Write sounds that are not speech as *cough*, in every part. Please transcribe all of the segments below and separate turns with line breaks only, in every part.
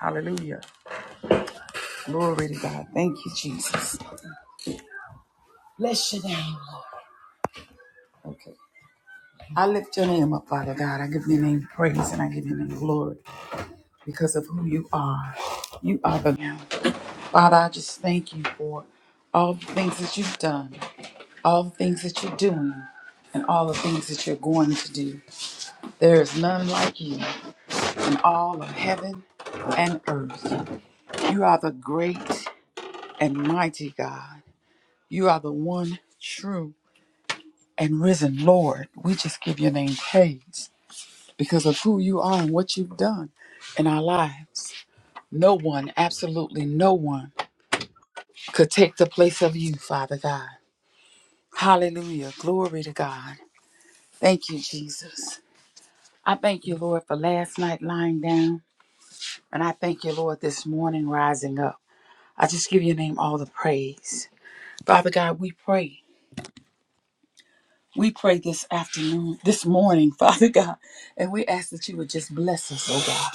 Hallelujah. Glory to God. Thank you, Jesus. Bless your name. Okay. I lift your name up, Father God. I give your name praise and I give your name glory because of who you are. You are the Lamb. Father, I just thank you for all the things that you've done, all the things that you're doing, and all the things that you're going to do. There is none like you in all of heaven and earth. You are the great and mighty God. You are the one true and risen Lord, we just give your name praise because of who you are and what you've done in our lives. No one, absolutely no one, could take the place of you, Father God. Hallelujah. Glory to God. Thank you, Jesus. I thank you, Lord, for last night lying down. And I thank you, Lord, this morning rising up. I just give your name all the praise. Father God, we pray. We pray this afternoon, this morning, *laughs* Father God. And we ask that you would just bless us, oh God.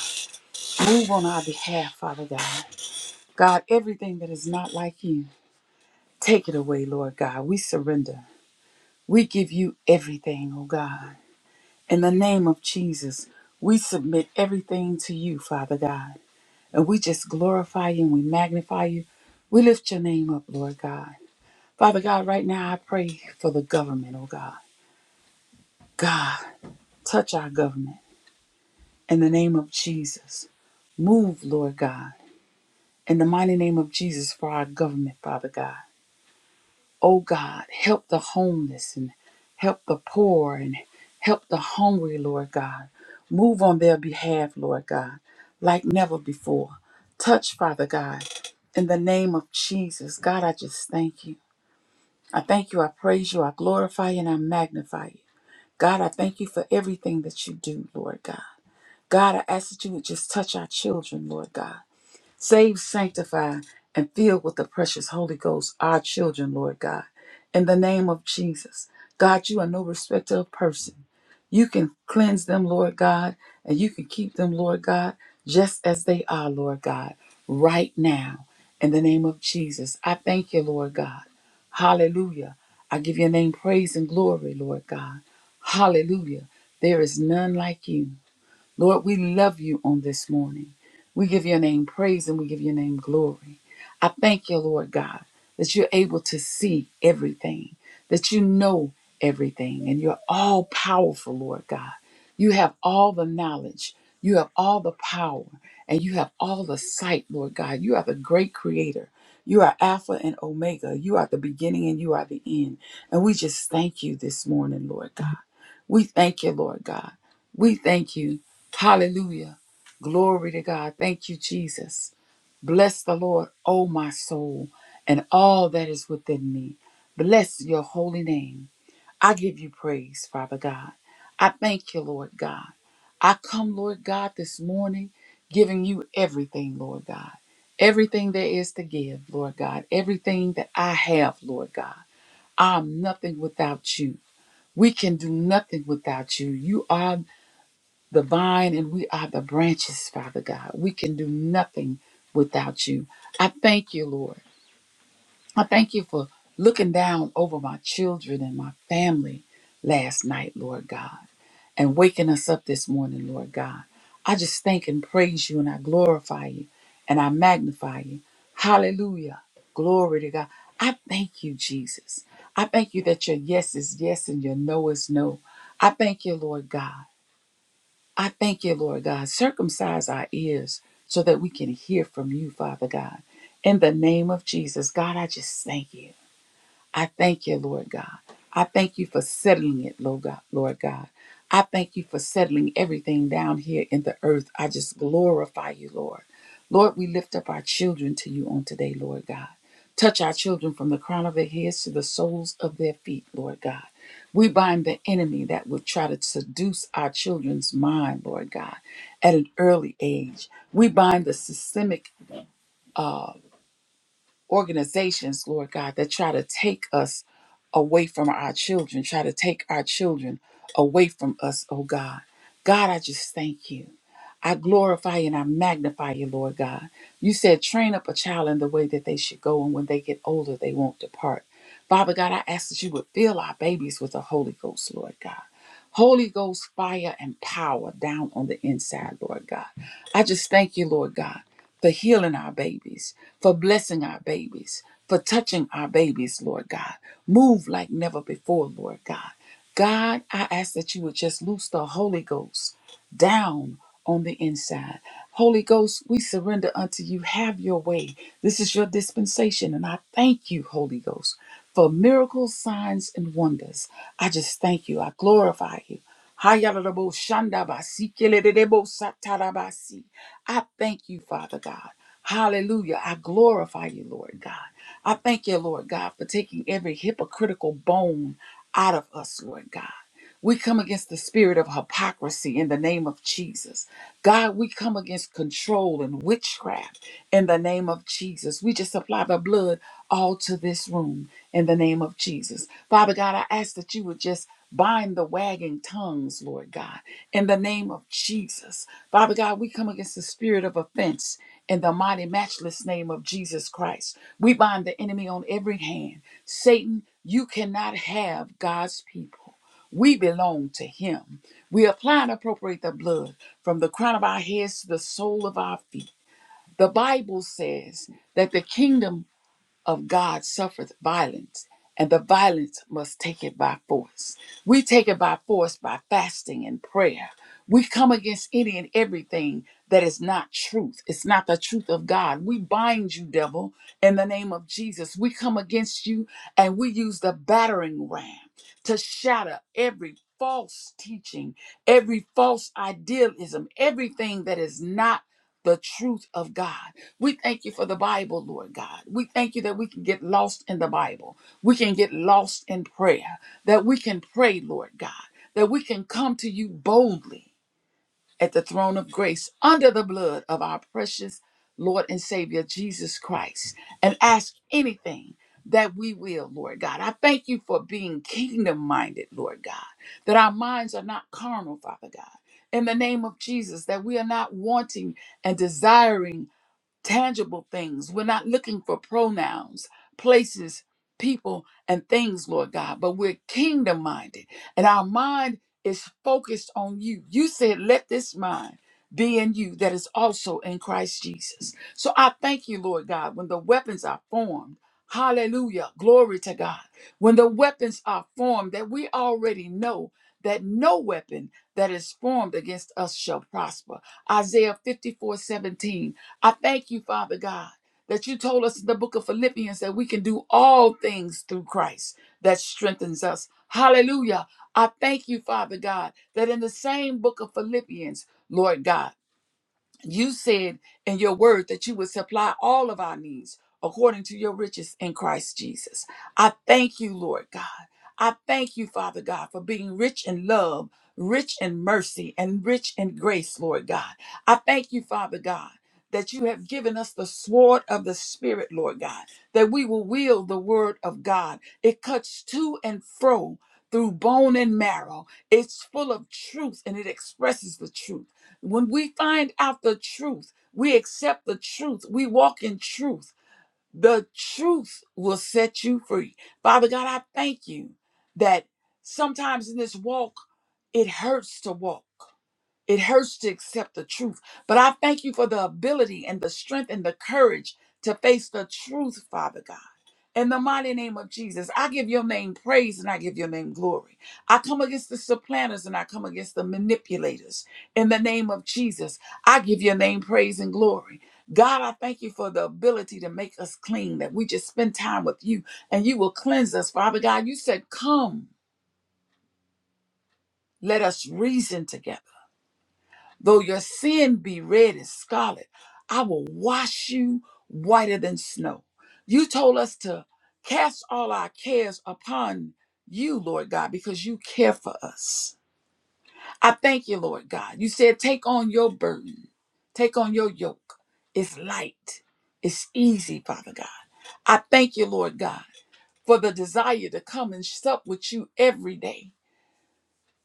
Move on our behalf, Father God. God, everything that is not like you, take it away, Lord God. We surrender. We give you everything, oh God. In the name of Jesus, we submit everything to you, Father God. And we just glorify you and we magnify you. We lift your name up, Lord God. Father God, right now I pray for the government, oh God. God, touch our government in the name of Jesus. Move, Lord God, in the mighty name of Jesus for our government, Father God. Oh God, help the homeless and help the poor and help the hungry, Lord God. Move on their behalf, Lord God, like never before. Touch, Father God, in the name of Jesus. God, I just thank you. I thank you, I praise you, I glorify you, and I magnify you. God, I thank you for everything that you do, Lord God. God, I ask that you would just touch our children, Lord God. Save, sanctify, and fill with the precious Holy Ghost our children, Lord God. In the name of Jesus, God, you are no respecter of person. You can cleanse them, Lord God, and you can keep them, Lord God, just as they are, Lord God, right now. In the name of Jesus, I thank you, Lord God. Hallelujah. I give your name praise and glory, Lord God. Hallelujah. There is none like you. Lord, we love you on this morning. We give your name praise and we give your name glory. I thank you, Lord God, that you're able to see everything, that you know everything, and you're all powerful, Lord God. You have all the knowledge, you have all the power, and you have all the sight, Lord God. You are the great creator. You are Alpha and Omega. You are the beginning and you are the end. And we just thank you this morning, Lord God. We thank you, Lord God. We thank you Hallelujah. Glory to God. Thank you, Jesus. Bless the Lord, O my soul, and all that is within me. Bless your holy name. I give you praise, Father God. I thank you, Lord God. I come, Lord God, this morning giving you everything, Lord God. Everything there is to give, Lord God. Everything that I have, Lord God. I'm nothing without you. We can do nothing without you. You are the vine and we are the branches, Father God. We can do nothing without you. I thank you, Lord. I thank you for looking down over my children and my family last night, Lord God, and waking us up this morning, Lord God. I just thank and praise you and I glorify you and I magnify you. Hallelujah. Glory to God. I thank you, Jesus. I thank you that your yes is yes and your no is no. I thank you, Lord God. I thank you, Lord God. Circumcise our ears so that we can hear from you, Father God. In the name of Jesus, God, I just thank you. I thank you, Lord God. I thank you for settling it, Lord God. Lord God. I thank you for settling everything down here in the earth. I just glorify you, Lord. Lord, we lift up our children to you on today, Lord God. Touch our children from the crown of their heads to the soles of their feet, Lord God. We bind the enemy that would try to seduce our children's mind, Lord God, at an early age. We bind the systemic uh, organizations, Lord God, that try to take us away from our children, try to take our children away from us, oh God. God, I just thank you. I glorify and I magnify you, Lord God. You said, train up a child in the way that they should go, and when they get older, they won't depart. Father God, I ask that you would fill our babies with the Holy Ghost, Lord God. Holy Ghost fire and power down on the inside, Lord God. I just thank you, Lord God, for healing our babies for blessing our babies, for touching our babies, Lord God. Move like never before, Lord God. God, I ask that you would just loose the Holy Ghost down on the inside. Holy Ghost, we surrender unto you. Have your way. This is your dispensation, and I thank you, Holy Ghost, for miracles, signs, and wonders. I just thank you. I glorify you. Hayalalabo shandabasi, kelelelebo satarabasi. I thank you, Father God. Hallelujah. I glorify you, Lord God. I thank you, Lord God, for taking every hypocritical bone out of us, Lord God. We come against the spirit of hypocrisy in the name of Jesus. God, we come against control and witchcraft in the name of Jesus. We just apply the blood all to this room in the name of Jesus. Father God, I ask that you would just bind the wagging tongues, Lord God, in the name of Jesus. Father God, we come against the spirit of offense in the mighty, matchless name of Jesus Christ. We bind the enemy on every hand. Satan, you cannot have God's people. We belong to him. We apply and appropriate the blood from the crown of our heads to the sole of our feet. The Bible says that the kingdom of God suffereth violence, and the violence must take it by force. We take it by force by fasting and prayer. We come against any and everything that is not truth. It's not the truth of God. We bind you, devil, in the name of Jesus. We come against you and we use the battering ram to shatter every false teaching, every false idealism, everything that is not the truth of God. We thank you for the Bible, Lord God. We thank you that we can get lost in the Bible. We can get lost in prayer, that we can pray, Lord God, that we can come to you boldly at the throne of grace under the blood of our precious Lord and Savior Jesus Christ and ask anything that we will, Lord God. I thank you for being kingdom minded, Lord God, that our minds are not carnal, Father God. In the name of Jesus, that we are not wanting and desiring tangible things. We're not looking for pronouns, places, people, and things, Lord God, but we're kingdom minded and our mind is focused on you. You said, let this mind be in you that is also in Christ Jesus. So I thank you, Lord God, when the weapons are formed. Hallelujah. Glory to God. When the weapons are formed that we already know that no weapon that is formed against us shall prosper. Isaiah 54 17. I thank you, Father God, that you told us in the book of Philippians that we can do all things through Christ that strengthens us. Hallelujah. I thank you, Father God, that in the same book of Philippians, Lord God, you said in your word that you would supply all of our needs according to your riches in Christ Jesus. I thank you, Lord God. I thank you, Father God, for being rich in love, rich in mercy, and rich in grace, Lord God. I thank you, Father God. That you have given us the sword of the Spirit, Lord God, that we will wield the word of God. It cuts to and fro through bone and marrow. It's full of truth and it expresses the truth. When we find out the truth, we accept the truth, we walk in truth. The truth will set you free. Father God, I thank you that sometimes in this walk, it hurts to walk. It hurts to accept the truth, but I thank you for the ability and the strength and the courage to face the truth, Father God. In the mighty name of Jesus, I give your name praise and I give your name glory. I come against the supplanters and I come against the manipulators. In the name of Jesus, I give your name praise and glory. God, I thank you for the ability to make us clean, that we just spend time with you and you will cleanse us, Father God. You said, Come, let us reason together. Though your sin be red as scarlet, I will wash you whiter than snow. You told us to cast all our cares upon you, Lord God, because you care for us. I thank you, Lord God. You said, take on your burden, take on your yoke. It's light, it's easy, Father God. I thank you, Lord God, for the desire to come and sup with you every day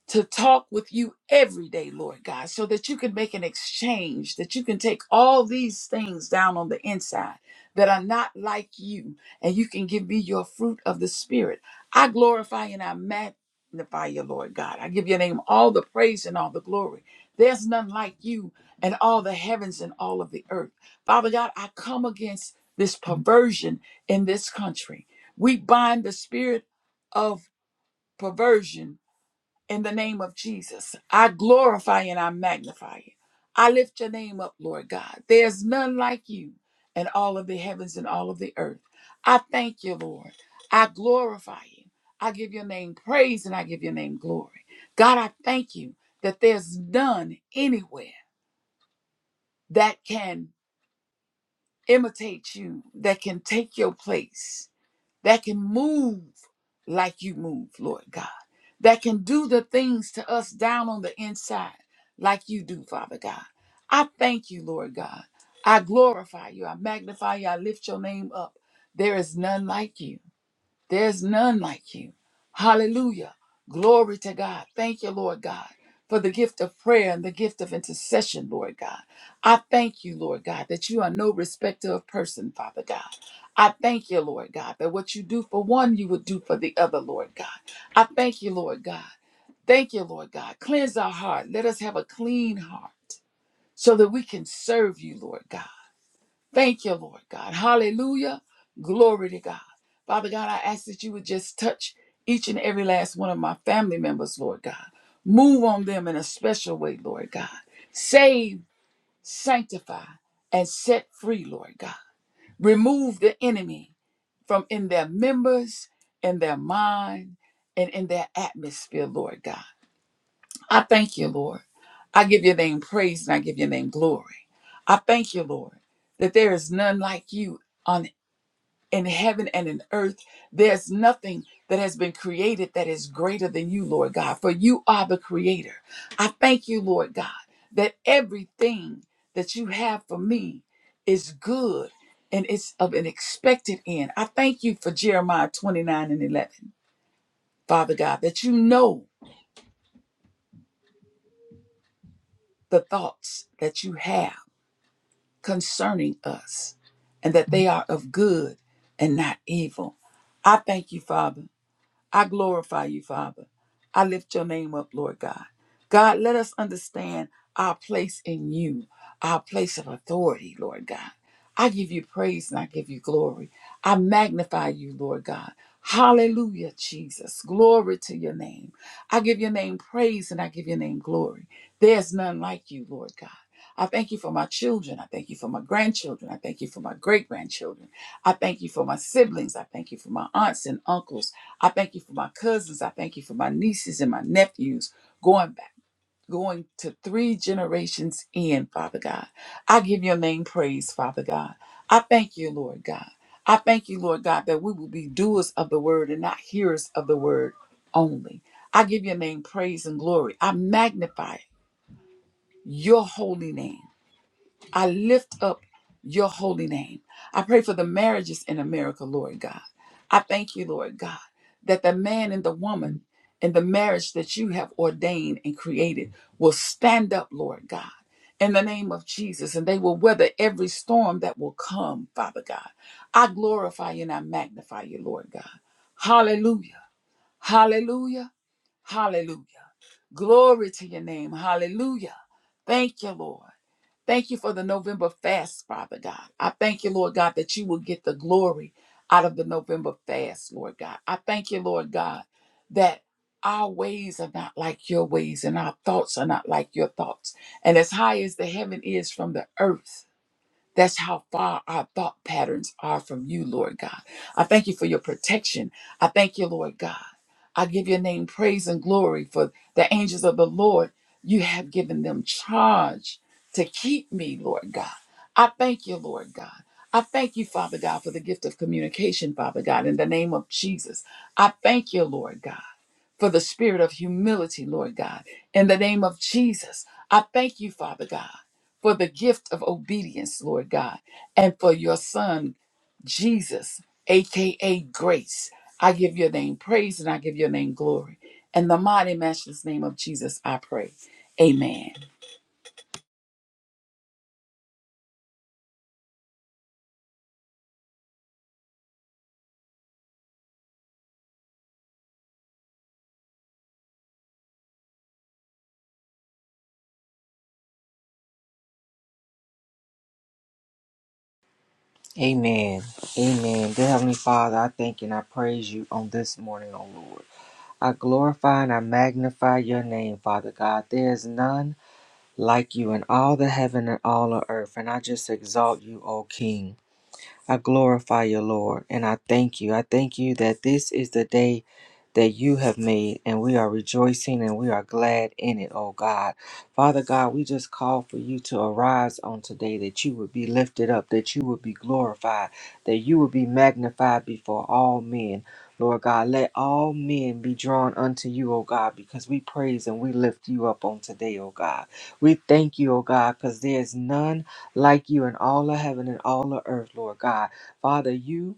to talk with you every day, Lord God, so that you can make an exchange, that you can take all these things down on the inside that are not like you, and you can give me your fruit of the Spirit. I glorify and I magnify you, Lord God. I give your name all the praise and all the glory. There's none like you and all the heavens and all of the earth. Father God, I come against this perversion in this country. We bind the spirit of perversion in the name of Jesus. I glorify and I magnify you. I lift your name up, Lord God. There's none like you in all of the heavens and all of the earth. I thank you, Lord. I glorify you. I give your name praise and I give your name glory. God, I thank you that there's none anywhere that can imitate you, that can take your place, that can move like you move, Lord God, that can do the things to us down on the inside like you do, Father God. I thank you, Lord God. I glorify you. I magnify you. I lift your name up. There is none like you. There's none like you. Hallelujah. Glory to God. Thank you, Lord God, for the gift of prayer and the gift of intercession, Lord God. I thank you, Lord God, that you are no respecter of person, Father God. I thank you, Lord God, that what you do for one, you would do for the other, Lord God. I thank you, Lord God. Thank you, Lord God. Cleanse our heart. Let us have a clean heart so that we can serve you, Lord God. Thank you, Lord God. Hallelujah. Glory to God. Father God, I ask that you would just touch each and every last one of my family members, Lord God. Move on them in a special way, Lord God. Save, sanctify, and set free, Lord God. Remove the enemy from in their members, in their mind, and in their atmosphere, Lord God. I thank you, Lord. I give your name praise and I give your name glory. I thank you, Lord, that there is none like you on in heaven and in earth. There's nothing that has been created that is greater than you, Lord God, for you are the creator. I thank you, Lord God, that everything that you have for me is good and it's of an expected end. I thank you for Jeremiah 29 and 11, Father God, that you know the thoughts that you have. concerning us and that they are of good and not evil. I thank you, Father. I glorify you, Father. I lift your name up, Lord God. God, let us understand our place in you, our place of authority, Lord God. I give you praise and I give you glory. I magnify you, Lord God. Hallelujah, Jesus. Glory to your name. I give your name praise and I give your name glory. There's none like you, Lord God. I thank you for my children. I thank you for my grandchildren. I thank you for my great grandchildren. I thank you for my siblings. I thank you for my aunts and uncles. I thank you for my cousins. I thank you for my nieces and my nephews going back. Going to three generations in, Father God. I give your name praise, Father God. I thank you, Lord God. I thank you, Lord God, that we will be doers of the word and not hearers of the word only. I give your name praise and glory. I magnify your holy name. I lift up your holy name. I pray for the marriages in America, Lord God. I thank you, Lord God, that the man and the woman and the marriage that you have ordained and created will stand up, Lord God, in the name of Jesus, and they will weather every storm that will come, Father God. I glorify you and I magnify you, Lord God. Hallelujah. Hallelujah. Hallelujah. Glory to your name. Hallelujah. Thank you, Lord. Thank you for the November fast, Father God. I thank you, Lord God, that you will get the glory out of the November fast, Lord God. I thank you, Lord God, that our ways are not like your ways and our thoughts are not like your thoughts. And as high as the heaven is from the earth, that's how far our thought patterns are from you, Lord God. I thank you for your protection. I thank you, Lord God. I give your name praise and glory for the angels of the Lord. You have given them charge to keep me, Lord God. I thank you, Lord God. I thank you, Father God, for the gift of communication, Father God, in the name of Jesus. I thank you, Lord God for the spirit of humility, Lord God, in the name of Jesus. I thank you, Father God for the gift of obedience, Lord God, and for your son, Jesus, aka grace. I give your name praise and I give your name glory. In the mighty matchless name of Jesus, I pray. Amen.
Amen. Amen. Dear Heavenly Father, I thank and I praise you on this morning, O Lord. I glorify and I magnify your name, Father God. There is none like you in all the heaven and all the earth, and I just exalt you, O King. I glorify you, Lord, and I thank you. I thank you that this is the day that you have made, and we are rejoicing and we are glad in it, oh God. Father God, we just call for you to arise on today, that you would be lifted up, that you would be glorified, that you would be magnified before all men. Lord God, let all men be drawn unto you, O God, because we praise and we lift you up on today, O God. We thank you, O God, because there is none like you in all of heaven and all of earth, Lord God. Father, you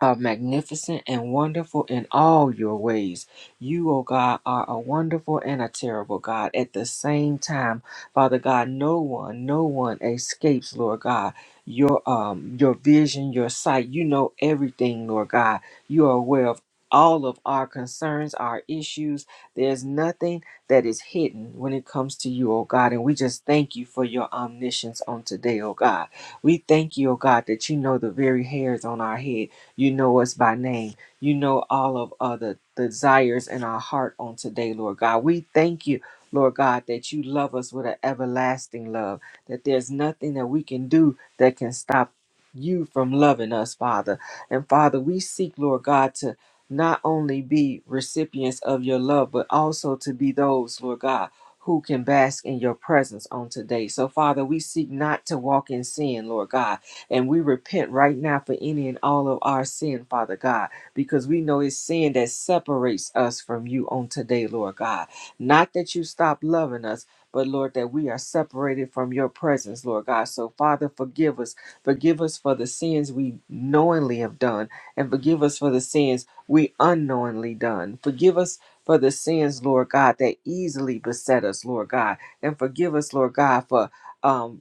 are magnificent and wonderful in all your ways. You, O God, are a wonderful and a terrible God. At the same time, Father God, no one, no one escapes, Lord God. Your um your vision, your sight, you know everything, Lord God. You are aware of all of our concerns, our issues. There's nothing that is hidden when it comes to you, O God. And we just thank you for your omniscience on today, O God. We thank you, O God, that you know the very hairs on our head. You know us by name. You know all of uh, the desires in our heart on today, Lord God. We thank you, Lord God, that you love us with an everlasting love, that there's nothing that we can do that can stop you from loving us, Father. And Father, we seek, Lord God, to not only be recipients of your love, but also to be those, Lord God, who can bask in your presence on today. So, Father, we seek not to walk in sin, Lord God and we repent right now for any and all of our sin, Father God, because we know it's sin that separates us from you on today, Lord God. Not that you stop loving us, but Lord, that we are separated from your presence, Lord God. So, Father, forgive us. Forgive us for the sins we knowingly have done, and forgive us for the sins we unknowingly done. Forgive us for the sins, Lord God, that easily beset us, Lord God. And forgive us, Lord God, for. Um,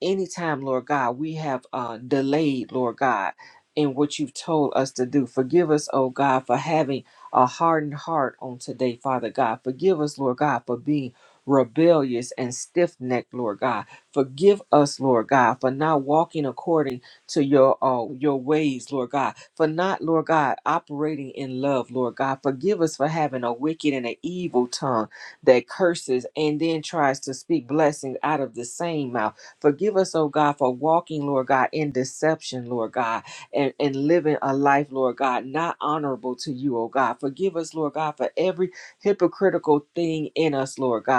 anytime, Lord God, we have uh, delayed, Lord God, in what you've told us to do. Forgive us, oh God, for having a hardened heart on today, Father God. Forgive us, Lord God, for being rebellious and stiff necked, Lord God. Forgive us, Lord God, for not walking according to your uh, your ways, Lord God. For not, Lord God, operating in love, Lord God. Forgive us for having a wicked and an evil tongue that curses and then tries to speak blessings out of the same mouth. Forgive us, oh God, for walking, Lord God, in deception, Lord God, and, and living a life, Lord God, not honorable to you, oh God. Forgive us, Lord God, for every hypocritical thing in us, Lord God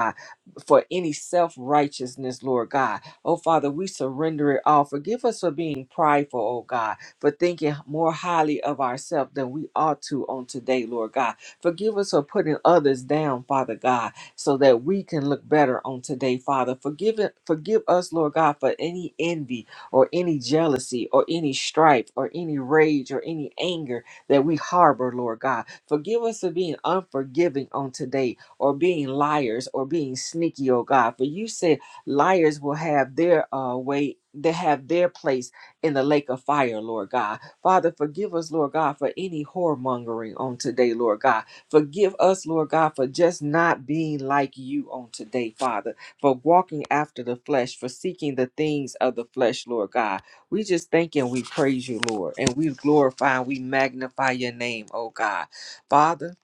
for any self righteousness, Lord God. Oh, Father, we surrender it all. Forgive us for being prideful, oh God, for thinking more highly of ourselves than we ought to on today, Lord God. Forgive us for putting others down, Father God, so that we can look better on today, Father. Forgive, it, forgive us, Lord God, for any envy or any jealousy or any strife or any rage or any anger that we harbor, Lord God. Forgive us for being unforgiving on today or being liars or being sneaky, oh God. For you said liars will have their uh, way, they have their place in the lake of fire, Lord God. Father, forgive us, Lord God, for any whoremongering on today, Lord God. Forgive us, Lord God, for just not being like you on today, Father, for walking after the flesh, for seeking the things of the flesh, Lord God. We just thank and we praise you, Lord, and we glorify and we magnify your name, oh God. Father,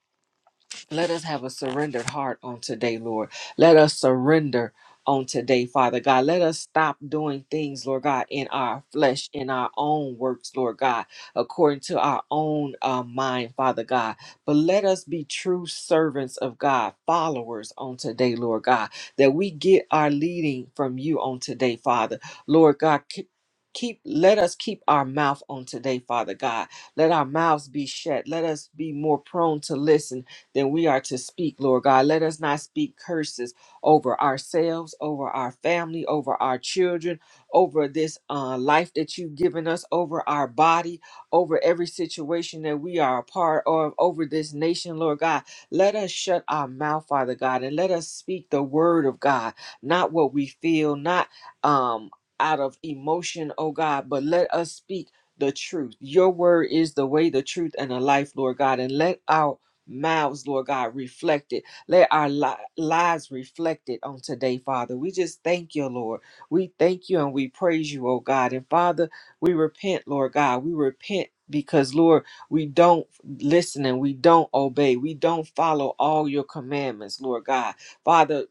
let us have a surrendered heart on today, Lord. Let us surrender on today, Father God. Let us stop doing things, Lord God, in our flesh, in our own works, Lord God, according to our own uh, mind, Father God. But let us be true servants of God, followers on today, Lord God, that we get our leading from you on today, Father. Lord God, keep keep- let us keep our mouth on today father god let our mouths be shut let us be more prone to listen then we are to speak, Lord God. Let us not speak curses over ourselves, over our family, over our children, over this uh, life that you've given us, over our body, over every situation that we are a part of, over this nation, Lord God. Let us shut our mouth, Father God, and let us speak the word of God, not what we feel, not um, out of emotion, oh God, but let us speak the truth. Your word is the way, the truth, and the life, Lord God. And let our mouths, Lord God, reflect it. Let our li- lives reflect it on today, Father. We just thank you, Lord. We thank you and we praise you, oh God. And Father, we repent, Lord God. We repent because, Lord, we don't listen and we don't obey. We don't follow all your commandments, Lord God. Father,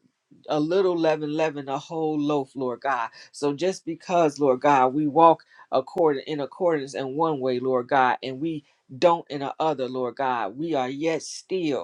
a little leaven leaven a whole loaf, Lord God. So just because, Lord God, we walk according in accordance in one way, Lord God, and we don't in the other, Lord God, we are yet still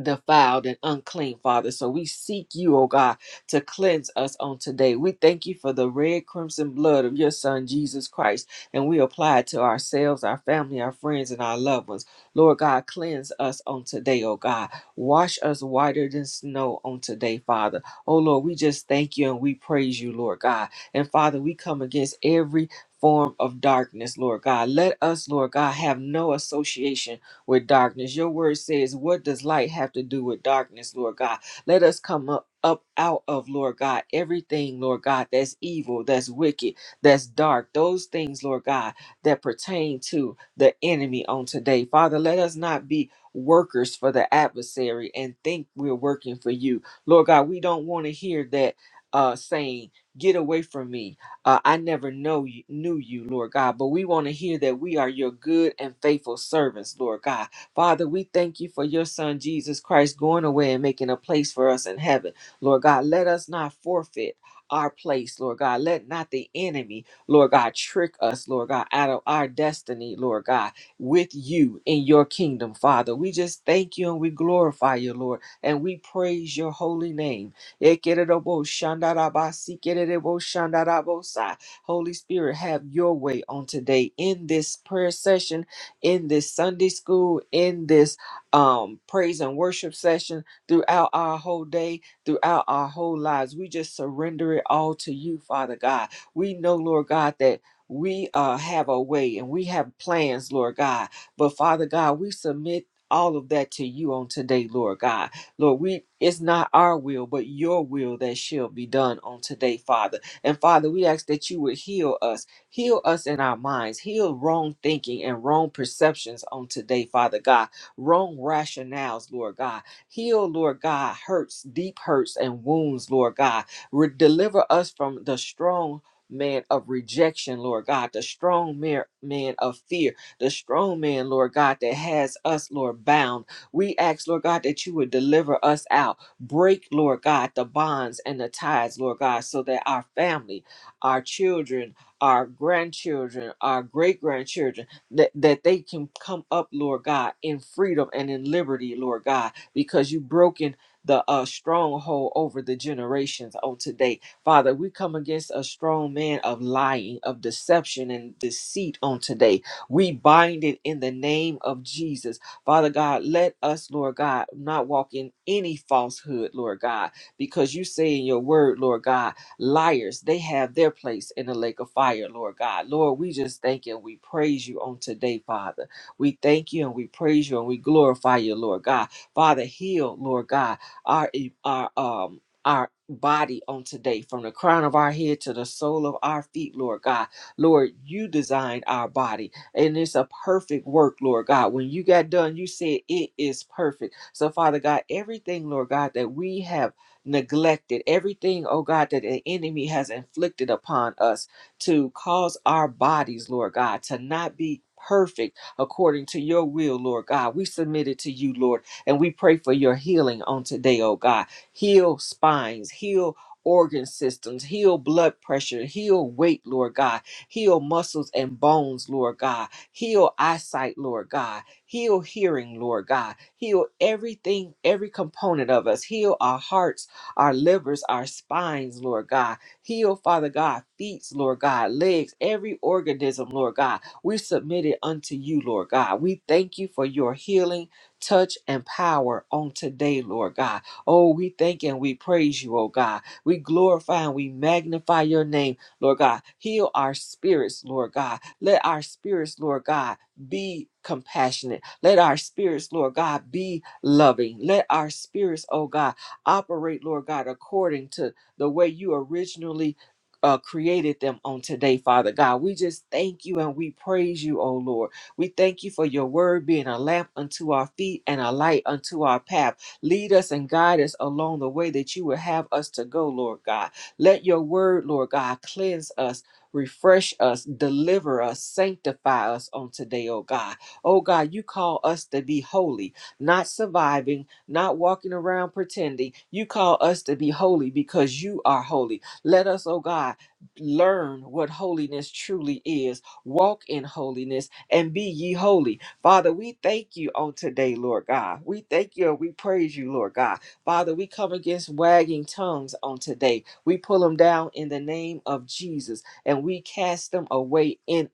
defiled and unclean, Father. So we seek you, O God, to cleanse us on today. We thank you for the red crimson blood of your Son, Jesus Christ, and we apply it to ourselves, our family, our friends, and our loved ones. Lord God, cleanse us on today, O God. Wash us whiter than snow on today, Father. Oh Lord, we just thank you and we praise you, Lord God. And Father, we come against every form of darkness, Lord God. Let us, Lord God, have no association with darkness. Your word says, What does light have to do with darkness, Lord God? Let us come up. Up out of Lord God, everything, Lord God, that's evil, that's wicked, that's dark, those things, Lord God, that pertain to the enemy on today. Father, let us not be workers for the adversary and think we're working for you. Lord God, we don't want to hear that uh, saying, Get away from me. Uh, I never know you, knew you, Lord God, but we want to hear that we are your good and faithful servants, Lord God. Father, we thank you for your Son Jesus Christ going away and making a place for us in heaven, Lord God. Let us not forfeit our place, Lord God. Let not the enemy, Lord God, trick us, Lord God, out of our destiny, Lord God, with you in your kingdom, Father. We just thank you and we glorify you, Lord, and we praise your holy name. Ekerebo shandarabasi kerebo shandarabosa. Holy Spirit, have your way on today in this prayer session, in this Sunday school, in this um, praise and worship session, throughout our whole day, throughout our whole lives. We just surrender it all to you, Father God. We know, Lord God, that we uh, have a way and we have plans, Lord God. But Father God, we submit all of that to you on today, Lord God. Lord, we it's not our will, but your will that shall be done on today, Father. And Father, we ask that you would heal us, heal us in our minds, heal wrong thinking and wrong perceptions on today, Father God, wrong rationales, Lord God. Heal, Lord God, hurts, deep hurts and wounds, Lord God. Re- deliver us from the strong man of rejection, Lord God, the strong man man of fear, the strong man, Lord God, that has us, Lord, bound we ask, Lord God, that you would deliver us out. Break, Lord God, the bonds and the ties, Lord God, so that our family, our children, our grandchildren, our great grandchildren, that, that they can come up, Lord God, in freedom and in liberty, Lord God, because you've broken the uh, stronghold over the generations on today. Father, we come against a strong man of lying, of deception, and deceit on today. We bind it in the name of Jesus. Father God, let us, Lord God, not walk in any falsehood, Lord God, because you say in your word, Lord God, liars, they have their place in the lake of fire, Lord God. Lord, we just thank you and we praise you on today, Father. We thank you and we praise you and we glorify you, Lord God. Father, heal, Lord God, our e, our um our body on today from the crown of our head to the sole of our feet lord god lord you designed our body and it's a perfect work, Lord God. When you got done, you said it is perfect. So, Father God, everything, Lord God, that we have neglected, everything, oh God, that the enemy has inflicted upon us to cause our bodies, Lord God, to not be perfect according to your will, Lord God. We submit it to you, Lord, and we pray for your healing on today, oh God. Heal spines, heal organ systems, heal blood pressure, heal weight, Lord God Heal muscles and bones, Lord God. Heal eyesight, Lord God. Heal hearing, Lord God. Heal everything, every component of us. Heal our hearts, our livers, our spines, Lord God. Heal, Father God, feet, Lord God, legs, every organism, Lord God. We submit it unto you, Lord God. We thank you for your healing, touch, and power on today, Lord God. Oh, we thank and we praise you, oh God. We glorify and we magnify your name Lord God. Heal our spirits, Lord God. Let our spirits, Lord God, be compassionate. Let our spirits, Lord God, be loving. Let our spirits, oh God, operate, Lord God, according to the way you originally uh, created them on today, Father God. We just thank you and we praise you, oh Lord. We thank you for your word being a lamp unto our feet and a light unto our path. Lead us and guide us along the way that you would have us to go, Lord God. Let your word, Lord God, cleanse us, refresh us, deliver us, sanctify us on today, oh God. Oh God, you call us to be holy, not surviving, not walking around pretending. You call us to be holy because you are holy. Let us, oh God, learn what holiness truly is. Walk in holiness and be ye holy. Father, we thank you on today, Lord God. We thank you and we praise you, Lord God. Father, we come against wagging tongues on today. We pull them down in the name of Jesus and we cast them away in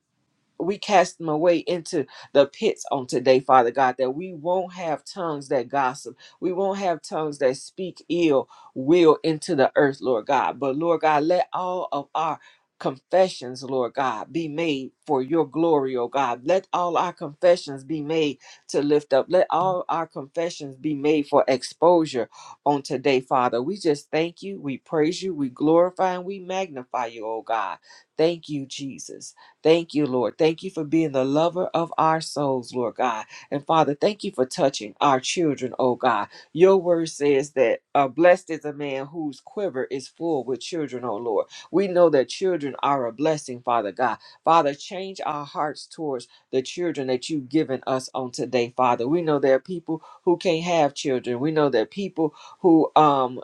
we cast them away into the pits on today, Father God, that we won't have tongues that gossip. We won't have tongues that speak ill will into the earth, Lord God. But Lord God, let all of our confessions, Lord God, be made for your glory, oh God. Let all our confessions be made to lift up. Let all our confessions be made for exposure on today, Father. We just thank you. We praise you. We glorify and we magnify you, oh God. Thank you, Jesus. Thank you, Lord. Thank you for being the lover of our souls, Lord God. And Father, thank you for touching our children, oh God. Your word says that uh, blessed is a man whose quiver is full with children, oh Lord. We know that children are a blessing, Father God. Father, change our hearts towards the children that you've given us on today, Father. We know there are people who can't have children. We know there are people who um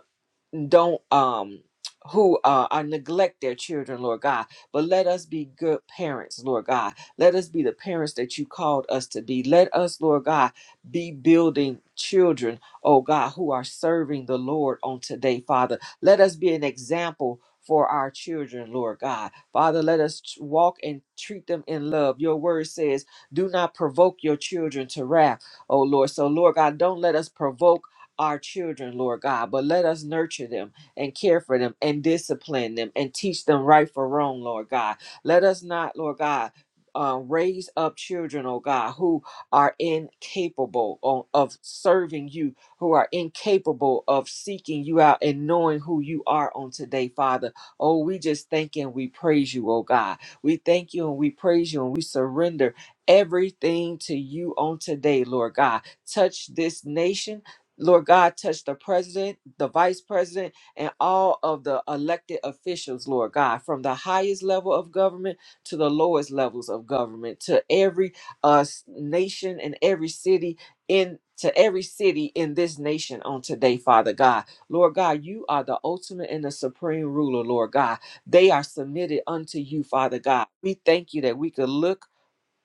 don't um who uh, are neglect their children, Lord God. But let us be good parents, Lord God. Let us be the parents that you called us to be. Let us, Lord God, be building children, oh God, who are serving the Lord on today, Father. Let us be an example for our children, Lord God. Father, let us t- walk and treat them in love. Your word says, do not provoke your children to wrath, oh Lord. So, Lord God, don't let us provoke our children, Lord God, but let us nurture them and care for them and discipline them and teach them right for wrong, Lord God. Let us not, Lord God, uh, raise up children, oh God, who are incapable o- of serving you, who are incapable of seeking you out and knowing who you are on today, Father. Oh, we just thank you and we praise you, oh God. We thank you and we praise you and we surrender everything to you on today, Lord God. Touch this nation Lord God, touch the president, the vice president, and all of the elected officials, Lord God, from the highest level of government to the lowest levels of government, to every uh, s- nation and every city in to every city in this nation on today, Father God. Lord God, you are the ultimate and the supreme ruler, Lord God. They are submitted unto you, Father God. We thank you that we could look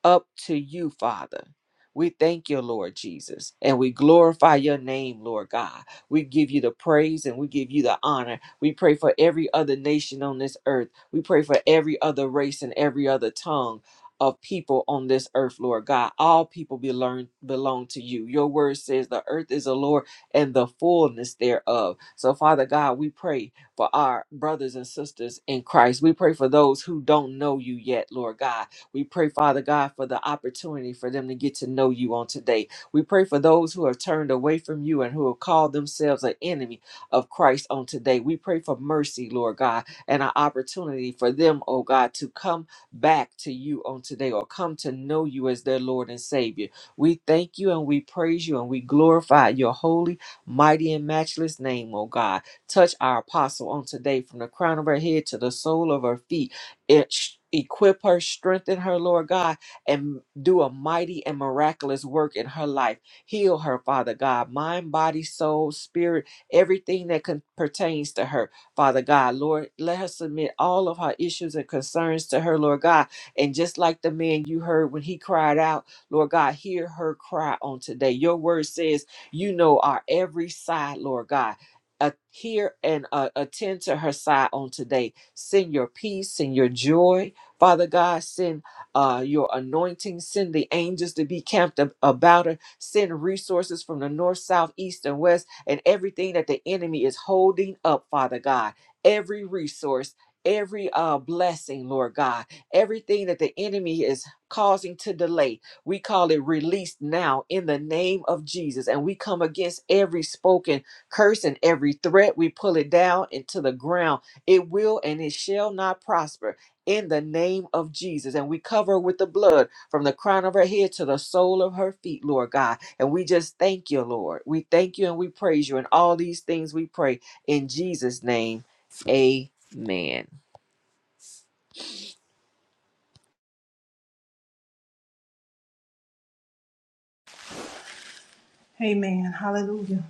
up to you, Father. We thank you, Lord Jesus, and we glorify your name, Lord God. We give you the praise and we give you the honor. We pray for every other nation on this earth. We pray for every other race and every other tongue of people on this earth, Lord God. All people belong, belong to you. Your word says the earth is the Lord and the fullness thereof. So, Father God, we pray for our brothers and sisters in Christ. We pray for those who don't know you yet, Lord God. We pray, Father God, for the opportunity for them to get to know you on today. We pray for those who have turned away from you and who have called themselves an enemy of Christ on today. We pray for mercy, Lord God, and an opportunity for them, oh God, to come back to you on today or come to know you as their Lord and Savior. We thank you and we praise you and we glorify your holy, mighty, and matchless name, oh God. Touch our apostle on today from the crown of her head to the sole of her feet it sh- equip her strengthen her lord god and do a mighty and miraculous work in her life heal her father god mind body soul spirit everything that con- pertains to her father god lord let her submit all of her issues and concerns to her lord god and just like the man you heard when he cried out lord god hear her cry on today your word says you know our every side lord god uh, hear and uh, attend to her side on today Send your peace, send your joy, Father God. Send uh, your anointing. Send the angels to be camped ab- about her. Send resources from the north, south, east, and west, and everything that the enemy is holding up, Father God. Every resource. Every uh, blessing, Lord God, everything that the enemy is causing to delay, we call it released now in the name of Jesus. And we come against every spoken curse and every threat. We pull it down into the ground it will and it shall not prosper in the name of Jesus. And we cover her with the blood from the crown of her head to the sole of her feet, Lord God. And we just thank you, Lord. We thank you and we praise you. And all these things we pray in Jesus' name. Amen.
Amen. Hallelujah.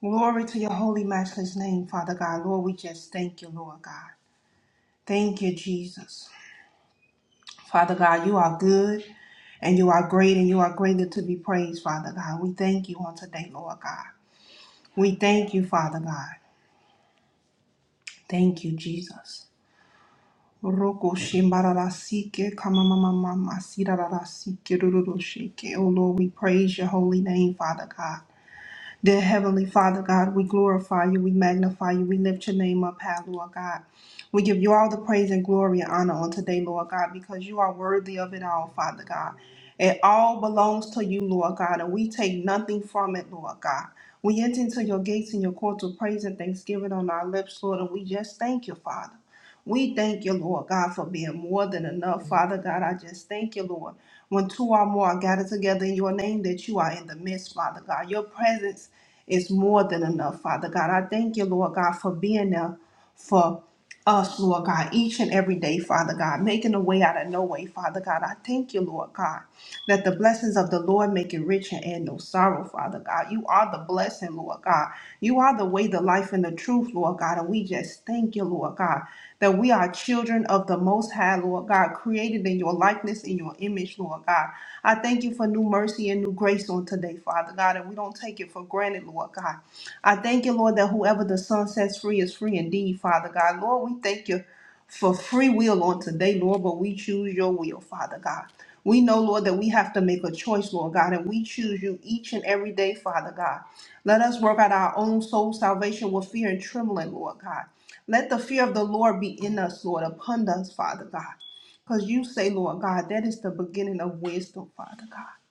Glory to your holy, matchless name, Father God. Lord, we just thank you, Lord God. Thank you, Jesus. Father God, you are good and you are great and you are greatly to be praised, Father God. We thank you on today, Lord God. We thank you, Father God. Thank you, Jesus. Roko shimbararasike kamamamamama sirararasike rururusike. Oh Lord, we praise your holy name, Father God. Dear Heavenly Father God, we glorify you, we magnify you, we lift your name up high, Lord God. We give you all the praise and glory and honor on today, Lord God, because you are worthy of it all, Father God. It all belongs to you, Lord God, and we take nothing from it, Lord God. We enter into your gates and your courts with praise and thanksgiving on our lips, Lord, and we just thank you, Father. We thank you, Lord God, for being more than enough. Father God, I just thank you, Lord. When two or more are gathered together in your name, that you are in the midst, Father God. Your presence is more than enough, Father God. I thank you, Lord God, for being there for us, Lord God, each and every day, Father God, making a way out of no way, Father God. I thank you, Lord God. Let the blessings of the Lord make it rich and add no sorrow, Father God. You are the blessing, Lord God. You are the way, the life, and the truth, Lord God. And we just thank you, Lord God, that we are children of the Most High, Lord God, created in your likeness, in your image, Lord God. I thank you for new mercy and new grace on today, Father God, and we don't take it for granted, Lord God. I thank you, Lord, that whoever the Son sets free is free indeed, Father God. Lord, we thank you for free will on today, Lord, but we choose your will, Father God. We know, Lord, that we have to make a choice, Lord God, and we choose you each and every day, Father God. Let us work out our own soul salvation with fear and trembling, Lord God. Let the fear of the Lord be in us, Lord, upon us, Father God. Because you say, Lord God, that is the beginning of wisdom, Father God.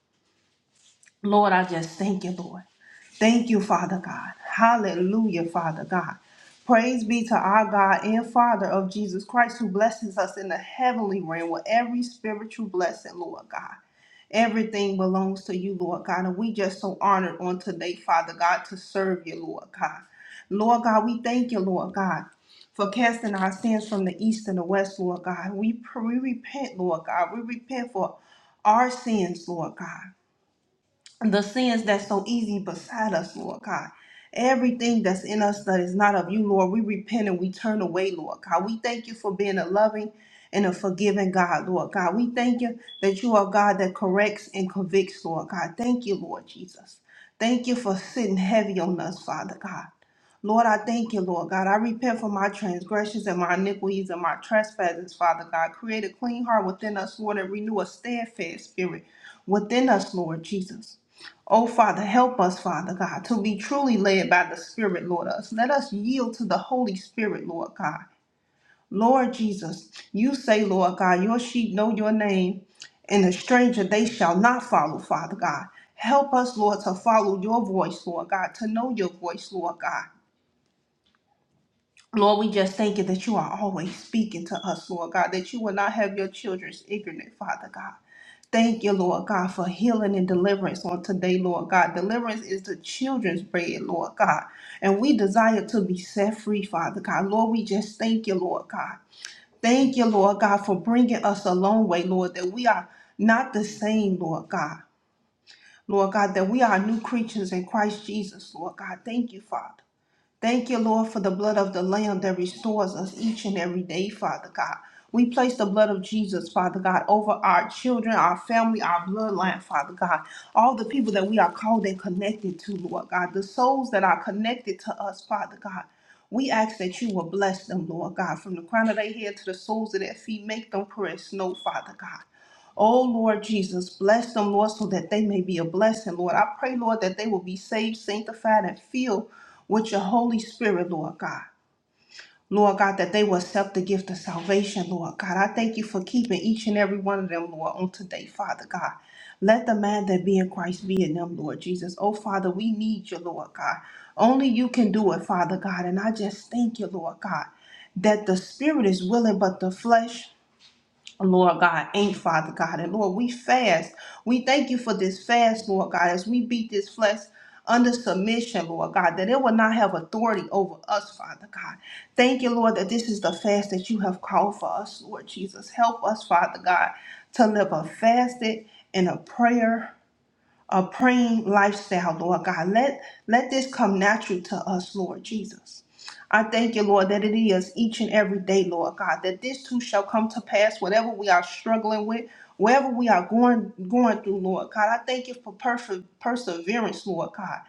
Lord, I just thank you, Lord. Thank you, Father God. Hallelujah, Father God. Praise be to our God and Father of Jesus Christ, who blesses us in the heavenly realm with every spiritual blessing, Lord God. Everything belongs to you, Lord God. And we just so honored on today, Father God, to serve you, Lord God. Lord God, we thank you, Lord God, for casting our sins from the east and the west, Lord God. We, pr- we repent, Lord God. We repent for our sins, Lord God the sins that's so easy beside us, Lord God. Everything that's in us that is not of you, Lord, we repent and we turn away, Lord God. We thank you for being a loving and a forgiving God, Lord God. We thank you that you are God that corrects and convicts, Lord God. Thank you, Lord Jesus. Thank you for sitting heavy on us, Father God. Lord, I thank you, Lord God. I repent for my transgressions and my iniquities and my trespasses, Father God. Create a clean heart within us, Lord, and renew a steadfast spirit within us, Lord Jesus. Oh, Father, help us, Father God, to be truly led by the Spirit, Lord us. Let us yield to the Holy Spirit, Lord God. Lord Jesus, you say, Lord God, your sheep know your name, and a stranger they shall not follow, Father God. Help us, Lord, to follow your voice, Lord God, to know your voice, Lord God. Lord, we just thank you that you are always speaking to us, Lord God, that you will not have your children's ignorant, Father God. Thank you, Lord God, for healing and deliverance on today, Lord God. Deliverance is the children's bread, Lord God. And we desire to be set free, Father God. Lord, we just thank you, Lord God. Thank you, Lord God, for bringing us a long way, Lord, that we are not the same, Lord God. Lord God, that we are new creatures in Christ Jesus, Lord God. Thank you, Father. Thank you, Lord, for the blood of the Lamb that restores us each and every day, Father God. We place the blood of Jesus, Father God, over our children, our family, our bloodline, Father God. All the people that we are called and connected to, Lord God. The souls that are connected to us, Father God. We ask that you will bless them, Lord God, from the crown of their head to the soles of their feet. Make them pure as snow, Father God. Oh Lord Jesus, bless them, Lord, so that they may be a blessing, Lord. I pray, Lord, that they will be saved, sanctified, and filled with your Holy Spirit, Lord God. Lord God, that they will accept the gift of salvation, Lord God. I thank you for keeping each and every one of them, Lord, on today, Father God. Let the man that be in Christ be in them, Lord Jesus. Oh, Father, we need you, Lord God. Only you can do it, Father God. And I just thank you, Lord God, that the spirit is willing, but the flesh Lord God, ain't Father God. And Lord, we fast. We thank you for this fast, Lord God, as we beat this flesh under submission, Lord God, that it will not have authority over us, Father God. Thank you, Lord, that this is the fast that you have called for us, Lord Jesus. Help us, Father God, to live a fasted and a prayer a praying lifestyle, Lord God. Let let this come natural to us, Lord Jesus. I thank you, Lord, that it is each and every day, Lord God, that this too shall come to pass, whatever we are struggling with, wherever we are going going through, Lord God. I thank you for perfe- perseverance, Lord God.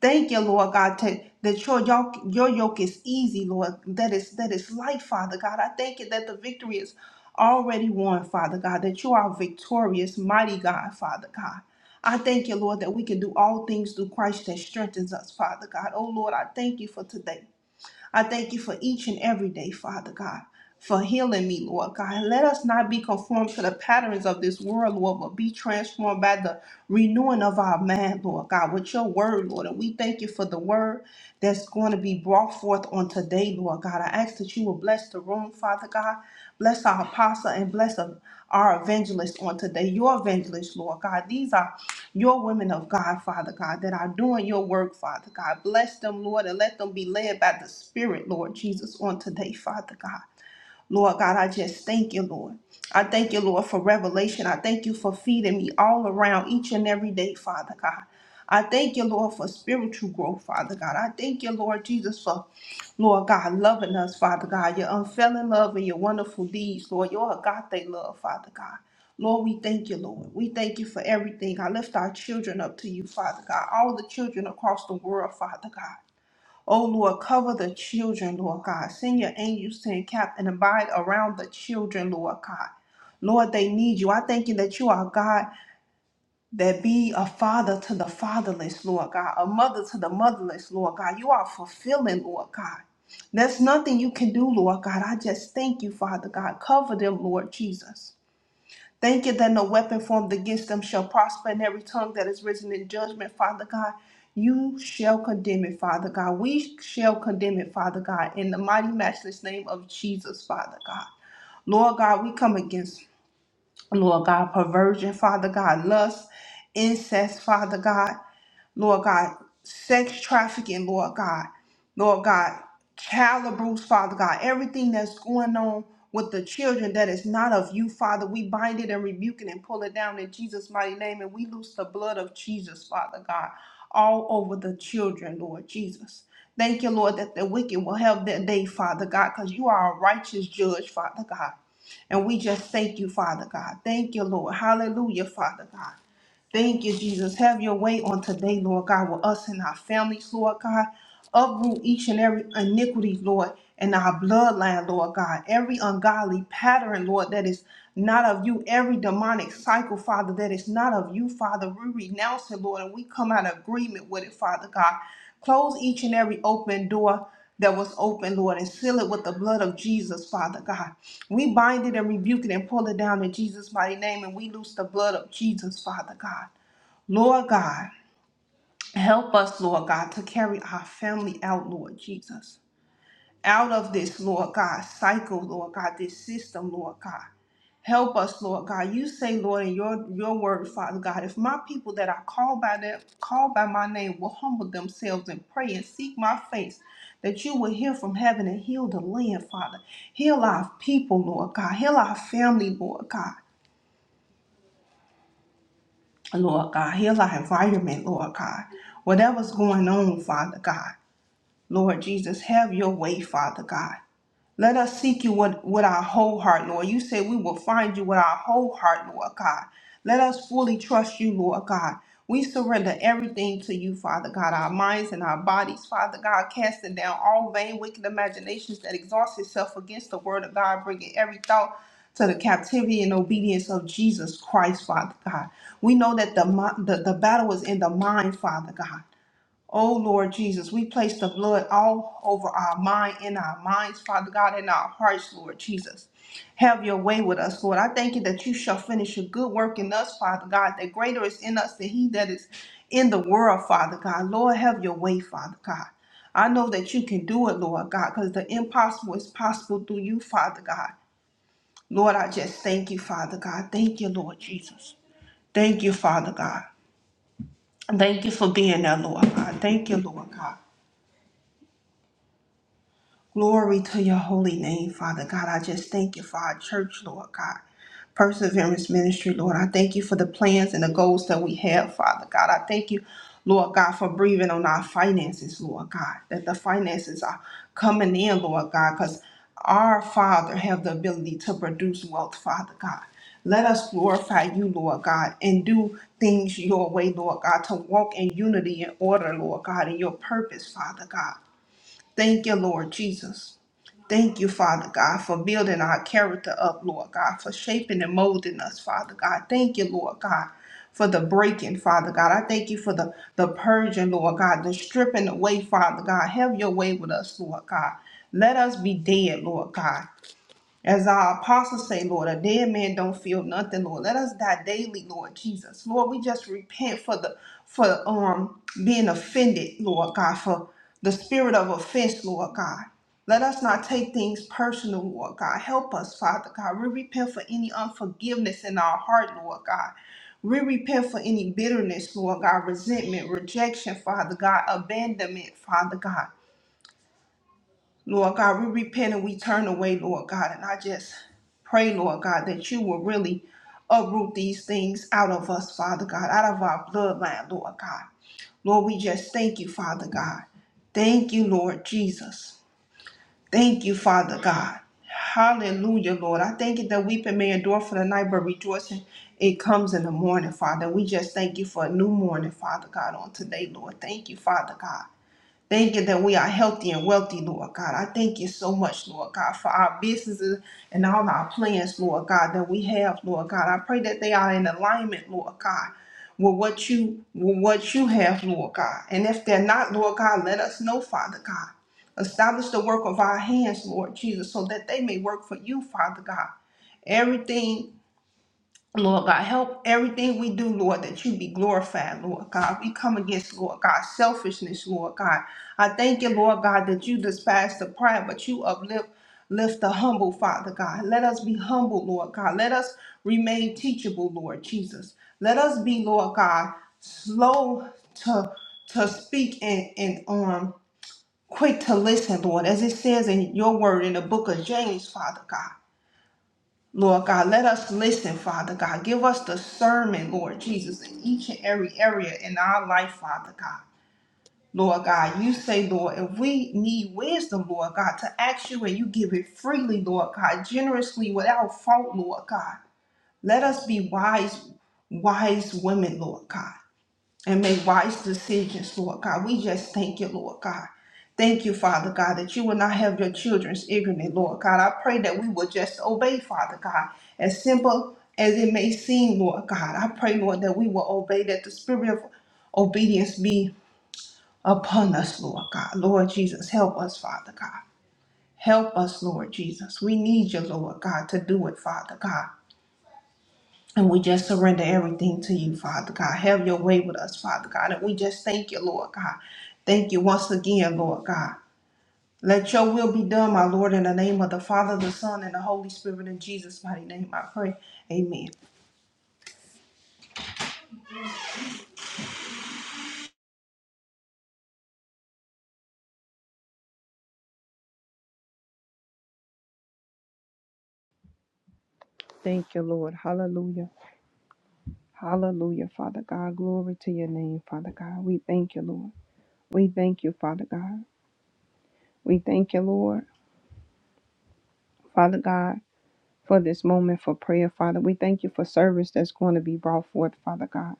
Thank you, Lord God, to, that your yoke, your yoke is easy, Lord. That is that is light, Father God. I thank you that the victory is already won, Father God. That you are victorious, mighty God, Father God. I thank you, Lord, that we can do all things through Christ that strengthens us, Father God. Oh, Lord, I thank you for today. I thank you for each and every day, Father God, for healing me, Lord God. Let us not be conformed to the patterns of this world, Lord, but be transformed by the renewing of our mind, Lord God, with your word, Lord. And we thank you for the word that's going to be brought forth on today, Lord God. I ask that you will bless the room, Father God. Bless our apostle and bless our evangelist on today, your evangelist, Lord God. These are your women of God, Father God, that are doing your work, Father God. Bless them, Lord, and let them be led by the Spirit, Lord Jesus, on today, Father God. Lord God, I just thank you, Lord. I thank you, Lord, for revelation. I thank you for feeding me all around each and every day, Father God. I thank you, Lord, for spiritual growth, Father God. I thank you, Lord Jesus, for, Lord God, loving us, Father God, your unfailing love and your wonderful deeds, Lord, your agape love, Father God. Lord, we thank you, Lord. We thank you for everything. I lift our children up to you, Father God. All the children across the world, Father God. O Lord, cover the children, Lord God. Send your angels to encamp and abide around the children, Lord God. Lord, they need you. I thank you that you are God that be a father to the fatherless, Lord God, a mother to the motherless, Lord God. You are fulfilling, Lord God. There's nothing you can do, Lord God. I just thank you, Father God. Cover them, Lord Jesus. Thank you that no weapon formed against them shall prosper, and every tongue that is risen in judgment, Father God, you shall condemn it, Father God. We shall condemn it, Father God, in the mighty, matchless name of Jesus, Father God. Lord God, we come against, Lord God, perversion, Father God, lust, incest, Father God. Lord God, sex trafficking, Lord God, Lord God, child abuse, Father God, everything that's going on with the children that is not of you, Father, we bind it and rebuke it and pull it down in Jesus' mighty name, and we loose the blood of Jesus, Father God, all over the children, Lord Jesus. Thank you, Lord, that the wicked will have their day, Father God, because you are a righteous judge, Father God. And we just thank you, Father God. Thank you, Lord. Hallelujah, Father God. Thank you, Jesus. Have your way on today, Lord God, with us and our families, Lord God. Uproot each and every iniquity, Lord, in our bloodline, Lord God. Every ungodly pattern, Lord, that is not of you. Every demonic cycle, Father, that is not of you, Father. We renounce it, Lord, and we come out of agreement with it, Father God. Close each and every open door that was open, Lord, and seal it with the blood of Jesus, Father God. We bind it and rebuke it and pull it down in Jesus' mighty name, and we loose the blood of Jesus, Father God. Lord God, help us, Lord God, to carry our family out, Lord Jesus out of this, Lord God, cycle, Lord God, this system, Lord God. Help us, Lord God. You say, Lord, in your, your word, Father God, if my people that are called by them, called by my name will humble themselves and pray and seek my face, that you will hear from heaven and heal the land, Father. Heal our people, Lord God. Heal our family, Lord God. Lord God, heal our environment, Lord God. Whatever's going on, Father God. Lord Jesus, have your way, Father God. Let us seek you with, with our whole heart, Lord. You say we will find you with our whole heart, Lord God. Let us fully trust you, Lord God. We surrender everything to you, Father God, our minds and our bodies, Father God, casting down all vain, wicked imaginations that exhaust itself against the word of God, bringing every thought to the captivity and obedience of Jesus Christ, Father God. We know that the, mi- the, the battle is in the mind, Father God. Oh Lord Jesus, we place the blood all over our mind, in our minds, Father God, in our hearts, Lord Jesus. Have your way with us, Lord. I thank you that you shall finish a good work in us, Father God, that greater is in us than he that is in the world, Father God. Lord, have your way, Father God. I know that you can do it, Lord God, because the impossible is possible through you, Father God. Lord, I just thank you, Father God. Thank you, Lord Jesus. Thank you, Father God. Thank you for being there, Lord God. Thank you, Lord God. Glory to your holy name, Father God. I just thank you for our church, Lord God. Perseverance Ministry, Lord. I thank you for the plans and the goals that we have, Father God. I thank you, Lord God, for breathing on our finances, Lord God, that the finances are coming in, Lord God, because our Father have the ability to produce wealth, Father God. Let us glorify you, Lord God, and do things your way, Lord God, to walk in unity and order, Lord God, in your purpose, Father God. Thank you, Lord Jesus. Thank you, Father God, for building our character up, Lord God, for shaping and molding us, Father God. Thank you, Lord God, for the breaking, Father God. I thank you for the, the purging, Lord God, the stripping away, Father God. Have your way with us, Lord God. Let us be dead, Lord God. As our apostles say, Lord, a dead man don't feel nothing, Lord. Let us die daily, Lord Jesus. Lord, we just repent for the for um being offended, Lord God, for the spirit of offense, Lord God. Let us not take things personal, Lord God. Help us, Father God. We repent for any unforgiveness in our heart, Lord God. We repent for any bitterness, Lord God, resentment, rejection, Father God, abandonment, Father God. Lord God, we repent and we turn away, Lord God. And I just pray, Lord God, that you will really uproot these things out of us, Father God, out of our bloodline, Lord God. Lord, we just thank you, Father God. Thank you, Lord Jesus. Thank you, Father God. Hallelujah, Lord. I thank you that weeping may endure for the night, but rejoicing it comes in the morning, Father. We just thank you for a new morning, Father God, on today, Lord. Thank you, Father God. Thank you that we are healthy and wealthy, Lord God. I thank you so much, Lord God, for our businesses and all our plans, Lord God, that we have, Lord God. I pray that they are in alignment, Lord God, with what you with what you have, Lord God. And if they're not, Lord God, let us know, Father God. Establish the work of our hands, Lord Jesus, so that they may work for you, Father God. Everything Lord God, help everything we do, Lord, that you be glorified, Lord God. We come against, Lord God, selfishness, Lord God. I thank you, Lord God, that you despise the pride, but you uplift lift the humble, Father God. Let us be humble, Lord God. Let us remain teachable, Lord Jesus. Let us be, Lord God, slow to to speak and, and um quick to listen, Lord, as it says in your word in the book of James, Father God. Lord God, let us listen, Father God. Give us discernment, Lord Jesus, in each and every area in our life, Father God. Lord God, you say, Lord, if we need wisdom, Lord God, to ask you and you give it freely, Lord God, generously, without fault, Lord God. Let us be wise, wise women, Lord God and make wise decisions, Lord God. We just thank you, Lord God. Thank you, Father God, that you will not have your children's ignorant, Lord God. I pray that we will just obey, Father God, as simple as it may seem, Lord God. I pray, Lord, that we will obey, that the spirit of obedience be upon us, Lord God. Lord Jesus, help us, Father God. Help us, Lord Jesus. We need you, Lord God, to do it, Father God. And we just surrender everything to you, Father God. Have your way with us, Father God. And we just thank you, Lord God. Thank you once again, Lord God. Let your will be done, my Lord, in the name of the Father, the Son, and the Holy Spirit, in Jesus' mighty name, I pray. Amen.
Thank you, Lord. Hallelujah. Hallelujah, Father God. Glory to your name, Father God. We thank you, Lord. We thank you, Father God. We thank you, Lord, Father God, for this moment for prayer, Father. We thank you for service that's going to be brought forth, Father God.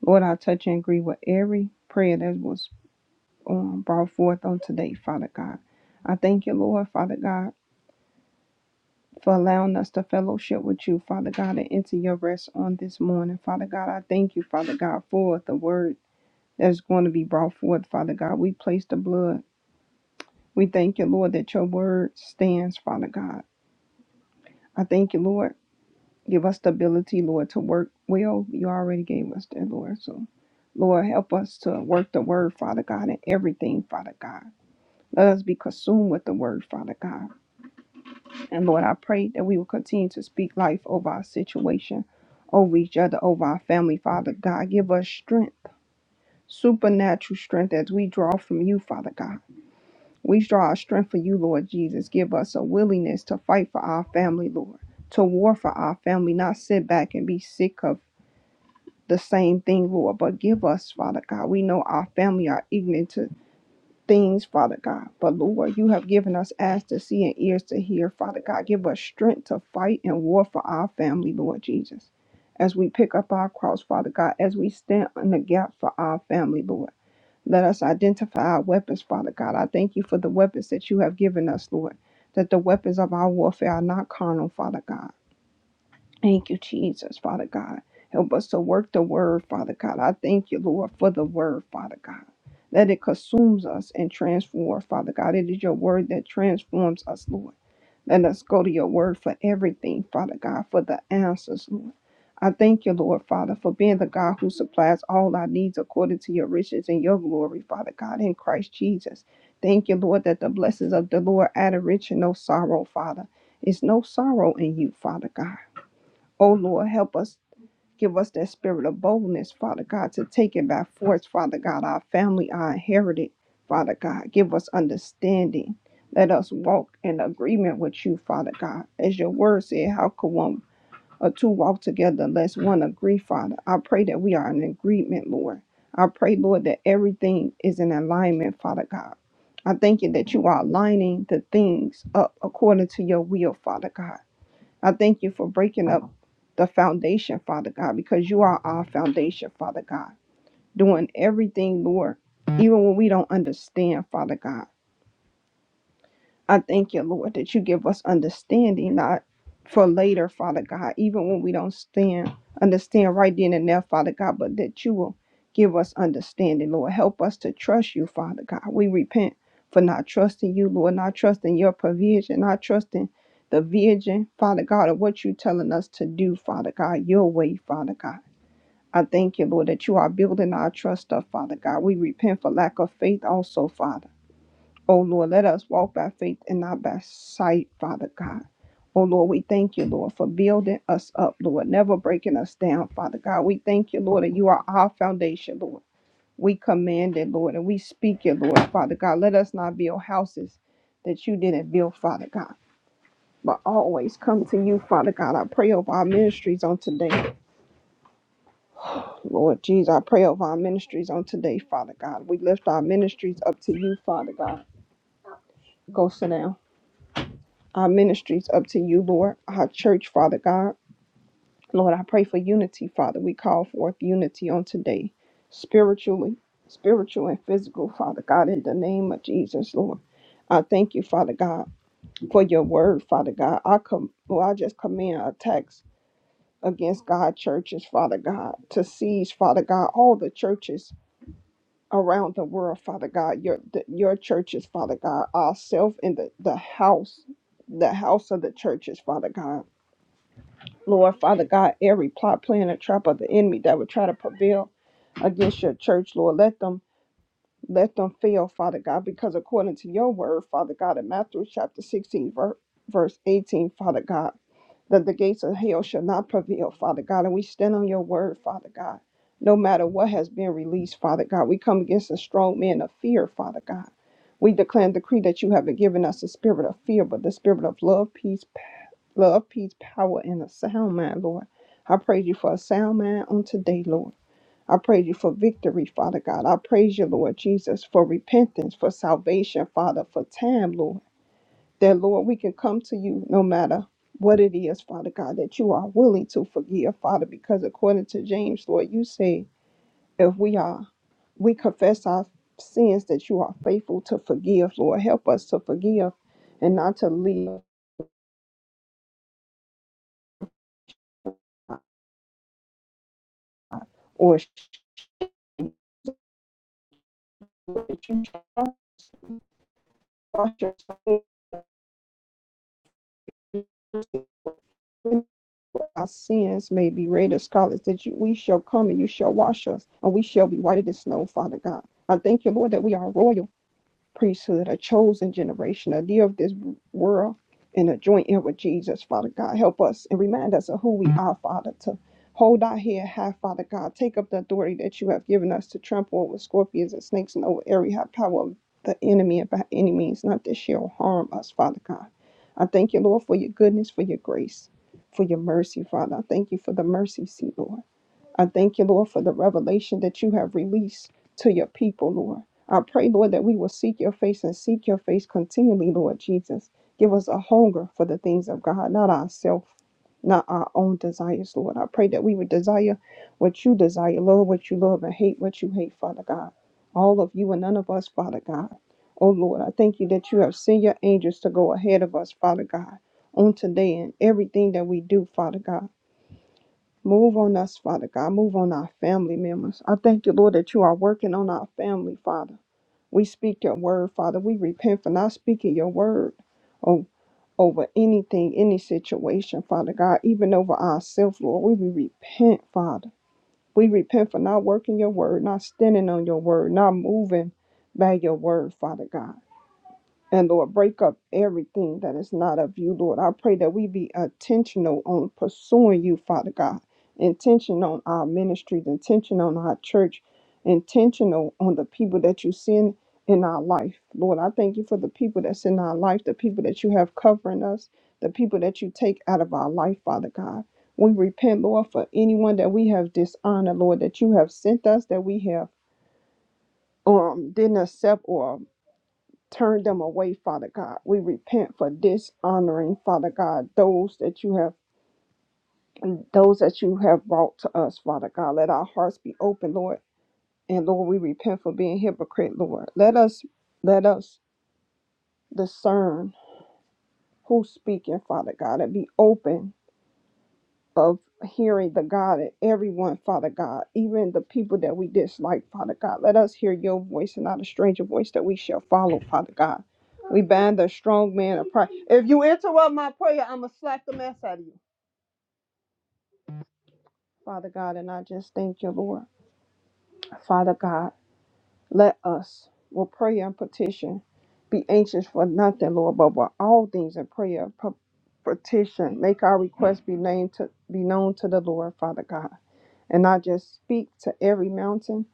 Lord, I touch and agree with every prayer that was um, brought forth on today, Father God. I thank you, Lord, Father God, for allowing us to fellowship with you, Father God, and enter your rest on this morning, Father God. I thank you, Father God, for the word that's going to be brought forth, Father God. We place the blood. We thank you, Lord, that your word stands, Father God. I thank you, Lord. Give us the ability, Lord, to work well. You already gave us that, Lord. So, Lord, help us to work the word, Father God, in everything, Father God. Let us be consumed with the word, Father God. And Lord, I pray that we will continue to speak life over our situation, over each other, over our family, Father God. Give us strength, supernatural strength as we draw from you, Father God. We draw our strength for you, Lord Jesus. Give us a willingness to fight for our family, Lord, to war for our family, not sit back and be sick of the same thing, Lord. But give us, Father God, we know our family are ignorant to things, Father God. But Lord, you have given us eyes to see and ears to hear, Father God. Give us strength to fight and war for our family, Lord Jesus. As we pick up our cross, Father God, as we stand in the gap for our family, Lord. Let us identify our weapons, Father God. I thank you for the weapons that you have given us, Lord, that the weapons of our warfare are not carnal, Father God. Thank you, Jesus, Father God. Help us to work the word, Father God. I thank you, Lord, for the word, Father God. That it consumes us and transforms, Father God. It is your word that transforms us, Lord. Let us go to your word for everything, Father God, for the answers, Lord. I thank you, Lord Father, for being the God who supplies all our needs according to your riches and your glory, Father God, in Christ Jesus. Thank you, Lord, that the blessings of the Lord add a rich and no sorrow, Father. It's no sorrow in you, Father God. Oh, Lord, help us Give us that spirit of boldness, Father God, to take it by force, Father God. Our family are inherited, Father God. Give us understanding. Let us walk in agreement with you, Father God. As your word said, how could one or two walk together unless one agree, Father? I pray that we are in agreement, Lord. I pray, Lord, that everything is in alignment, Father God. I thank you that you are aligning the things up according to your will, Father God. I thank you for breaking up the foundation, Father God, because you are our foundation, Father God, doing everything, Lord, even when we don't understand, Father God. I thank you, Lord, that you give us understanding, not for later, Father God, even when we don't stand, understand right then and there, Father God, but that you will give us understanding, Lord. Help us to trust you, Father God. We repent for not trusting you, Lord, not trusting your provision, not trusting the vision, Father God, of what you're telling us to do, Father God, your way, Father God. I thank you, Lord, that you are building our trust up, Father God. We repent for lack of faith also, Father. Oh Lord, let us walk by faith and not by sight, Father God. Oh Lord, we thank you, Lord, for building us up, Lord, never breaking us down, Father God. We thank you, Lord, that you are our foundation, Lord. We command it, Lord, and we speak it, Lord, Father God. Let us not build houses that you didn't build, Father God, but always come to you, Father God. I pray over our ministries on today, Lord Jesus. I pray over our ministries on today, Father God. We lift our ministries up to you, Father God. Go sit down. our ministries up to you, Lord, our church, Father God. Lord, I pray for unity, Father. We call forth unity on today, spiritually, spiritual and physical, Father God, in the name of Jesus, Lord. I thank you, Father God, for your word, Father God. I com, well, I just command attacks against God churches, Father God, to seize, Father God, all the churches around the world, Father God, your the, your churches, Father God, ourselves in the, the house, the house of the churches, Father God. Lord Father God, every plot, plan, and trap of the enemy that would try to prevail against your church, Lord, let them let them fail, Father God, because according to your word, Father God, in Matthew chapter 16, ver- verse 18, Father God, that the gates of hell shall not prevail, Father God. And we stand on your word, Father God. No matter what has been released, Father God, we come against the strong man of fear, Father God. We declare and decree that you haven't given us a spirit of fear, but the spirit of love, peace, love, peace, power, and a sound mind, Lord. I praise you for a sound mind on today, Lord. I praise you for victory, Father God. I praise you, Lord Jesus, for repentance, for salvation, Father, for time, Lord. That, Lord, we can come to you no matter what it is, Father God, that you are willing to forgive, Father, because according to James, Lord, you say, if we are, we confess our sins that you are faithful to forgive, Lord. Help us to forgive and not to live or wash us our sins may be red as scarlet, that you, we shall come and you shall wash us, and we shall be white as snow, Father God. I thank you, Lord, that we are royal. priesthood, a chosen generation, a dear of this world, and a joint heir with Jesus, Father God. Help us and remind us of who we are, Father, to hold our head high, Father God. Take up the authority that you have given us to trample over scorpions and snakes and over every high power of the enemy, and by any means, not that shall harm us, Father God. I thank you, Lord, for your goodness, for your grace, for your mercy, Father. I thank you for the mercy seat, Lord. I thank you, Lord, for the revelation that you have released to your people, Lord. I pray, Lord, that we will seek your face and seek your face continually, Lord Jesus. Give us a hunger for the things of God, not ourselves, not our own desires, Lord. I pray that we would desire what you desire, Lord, what you love, and hate what you hate, Father God. All of you and none of us, Father God. Oh, Lord, I thank you that you have sent your angels to go ahead of us, Father God, on today and everything that we do, Father God. Move on us, Father God. Move on our family members. I thank you, Lord, that you are working on our family, Father. We speak your word, Father. We repent for not speaking your word o- over anything, any situation, Father God, even over ourselves, Lord. We we repent, Father. We repent for not working your word, not standing on your word, not moving by your word, Father God. And Lord, break up everything that is not of you, Lord. I pray that we be intentional on pursuing you, Father God. Intention on our ministries, intention on our church, intentional on the people that you send in our life. Lord, I thank you for the people that's in our life, the people that you have covering us, the people that you take out of our life, Father God. We repent, Lord, for anyone that we have dishonored, Lord, that you have sent us, that we have um didn't accept or Turn them away, Father God. We repent for dishonoring, Father God, those that you have and those that you have brought to us, Father God. Let our hearts be open, Lord. And Lord, we repent for being hypocrite, Lord. Let us let us discern who's speaking, Father God, and be open of hearing the God in everyone, Father God, even the people that we dislike, Father God. Let us hear your voice and not a stranger voice that we shall follow, Father God. We bind the strong man of pride. If you interrupt my prayer, I'm going to slap the mess out of you, Father God. And I just thank you, Lord. Father God, let us, with prayer and petition, be anxious for nothing, Lord, but with all things in prayer, pe- petition, make our requests be named to be known to the Lord, Father God. And I just speak to every mountain,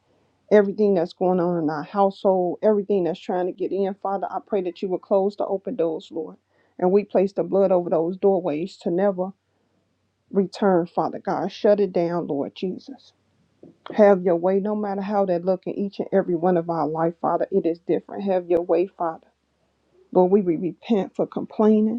everything that's going on in our household, everything that's trying to get in. Father, I pray that you will close the open doors, Lord. And we place the blood over those doorways to never return, Father God. Shut it down, Lord Jesus. Have your way, no matter how that look in each and every one of our life, Father. It is different. Have your way, Father. Lord, we will repent for complaining.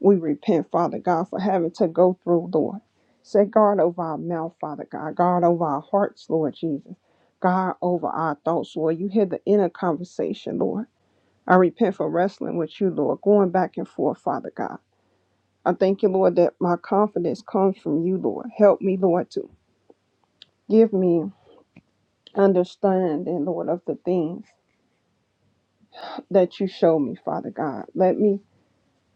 We repent, Father God, for having to go through, Lord. Set guard over our mouth, Father God. Guard over our hearts, Lord Jesus. Guard over our thoughts, Lord. You hear the inner conversation, Lord. I repent for wrestling with you, Lord, going back and forth, Father God. I thank you, Lord, that my confidence comes from you, Lord. Help me, Lord, to give me understanding, Lord, of the things that you show me, Father God. Let me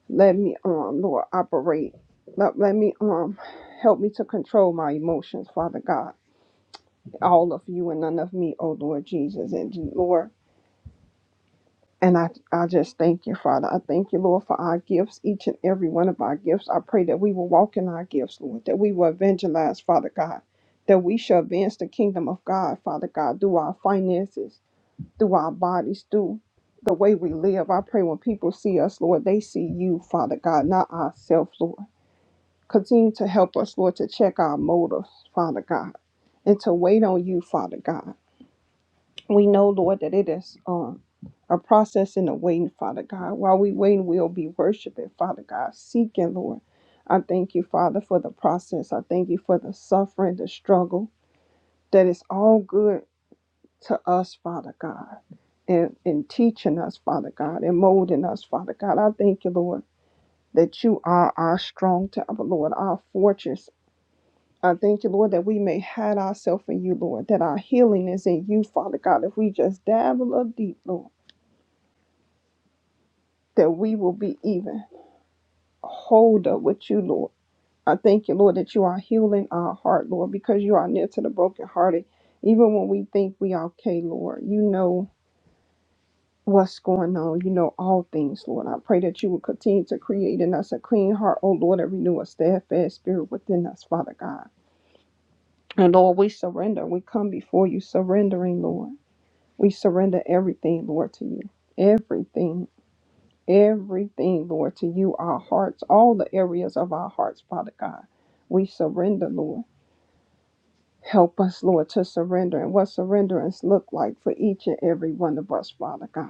Let me, um, Lord, operate. Let, let me, um, help me to control my emotions, Father God. All of you and none of me, oh Lord Jesus. And Lord, and I, I just thank you, Father. I thank you, Lord, for our gifts, each and every one of our gifts. I pray that we will walk in our gifts, Lord, that we will evangelize, Father God, that we shall advance the kingdom of God, Father God, through our finances, through our bodies, through the way we live. I pray when people see us, Lord, they see you, Father God, not ourselves, Lord. Continue to help us, Lord, to check our motives, Father God, and to wait on you, Father God. We know, Lord, that it is um, a process in the waiting, Father God. While we wait, we'll be worshiping, Father God, seeking, Lord. I thank you, Father, for the process. I thank you for the suffering, the struggle, that is all good to us, Father God, and, in teaching us, Father God, and molding us, Father God. I thank you, Lord, that you are our strong tower, Lord, our fortress, I thank you, Lord, that we may hide ourselves in you, Lord, that our healing is in you, Father God. If we just dive a little deep, Lord, that we will be even holder with you, Lord. I thank you, Lord, that you are healing our heart, Lord, because you are near to the brokenhearted. Even when we think we are okay, Lord, you know what's going on. You know all things, Lord. I pray that you will continue to create in us a clean heart, oh Lord, and renew a steadfast spirit within us, Father God. And Lord, we surrender. We come before you surrendering, Lord. We surrender everything, Lord, to you. Everything, everything, Lord, to you. Our hearts, all the areas of our hearts, Father God. We surrender, Lord. Help us, Lord, to surrender and what surrenderance look like for each and every one of us, Father God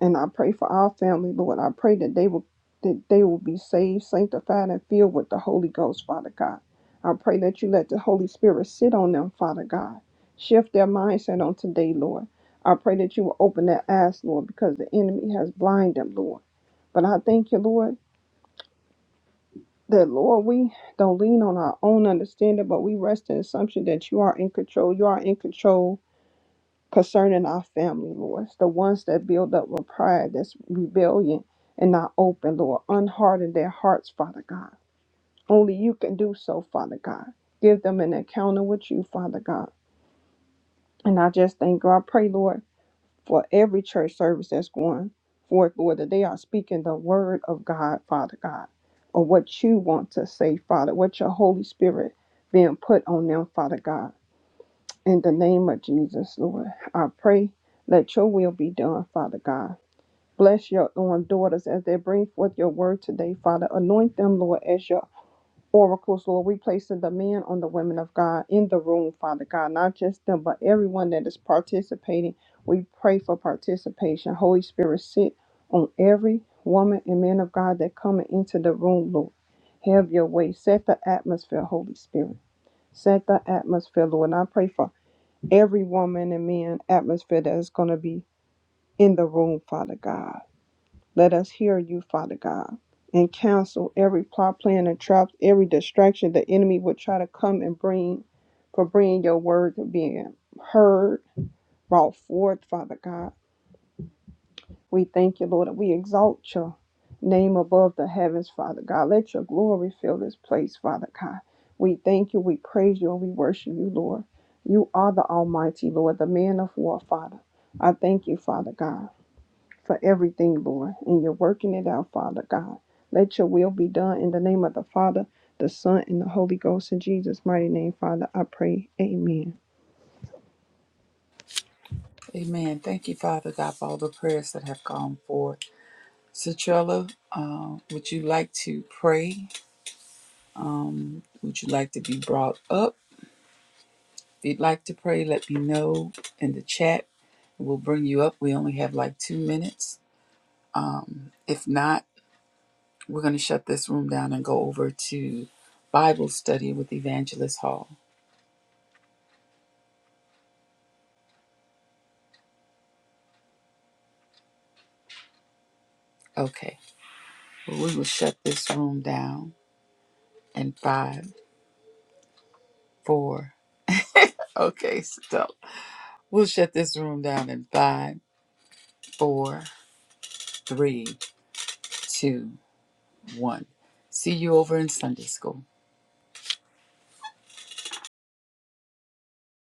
and I pray for our family, Lord. I pray that they will that they will be saved, sanctified, and filled with the Holy Ghost, Father God. I pray that you let the Holy Spirit sit on them, Father God. Shift their mindset on today, Lord. I pray that you will open their eyes, Lord, because the enemy has blinded them, Lord. But I thank you, Lord, that Lord, we don't lean on our own understanding, but we rest in the assumption that you are in control. You are in control concerning our family, Lord. It's the ones that build up with pride, that's rebellion and not open, Lord. Unharden their hearts, Father God. Only you can do so, Father God. Give them an encounter with you, Father God. And I just thank God. I pray, Lord, for every church service that's going forth, Lord, that they are speaking the word of God, Father God, or what you want to say, Father, what your Holy Spirit being put on them, Father God. In the name of Jesus, Lord, I pray, let your will be done, Father God. Bless your own daughters as they bring forth your word today, Father. Anoint them, Lord, as your oracles, Lord. We place the demand on the women of God in the room, Father God. Not just them, but everyone that is participating. We pray for participation. Holy Spirit, sit on every woman and man of God that coming into the room, Lord. Have your way. Set the atmosphere, Holy Spirit. Set the atmosphere, Lord. And I pray for every woman and man atmosphere that is going to be in the room, Father God. Let us hear you, Father God, and cancel every plot, plan, and trap, every distraction the enemy would try to come and bring for bringing your word to being heard, brought forth, Father God. We thank you, Lord, and we exalt your name above the heavens, Father God. Let your glory fill this place, Father God. We thank you, we praise you, and we worship you, Lord. You are the Almighty, Lord, the man of war, Father. I thank you, Father God, for everything, Lord, and you're working it out, Father God. Let your will be done in the name of the Father, the Son, and the Holy Ghost. In Jesus' mighty name, Father, I pray. Amen.
Amen. Thank you, Father God, for all the prayers that have gone forth. Citrella, uh, would you like to pray? Would you like to be brought up? If you'd like to pray, let me know in the chat. We'll bring you up. We only have like two minutes. Um, if not, We're going to shut this room down and go over to Bible study with Evangelist Hall. Okay. Well, we will shut this room down in five, four. Okay, stop. We'll shut this room down in five, four, three, two, one. See you over in Sunday school.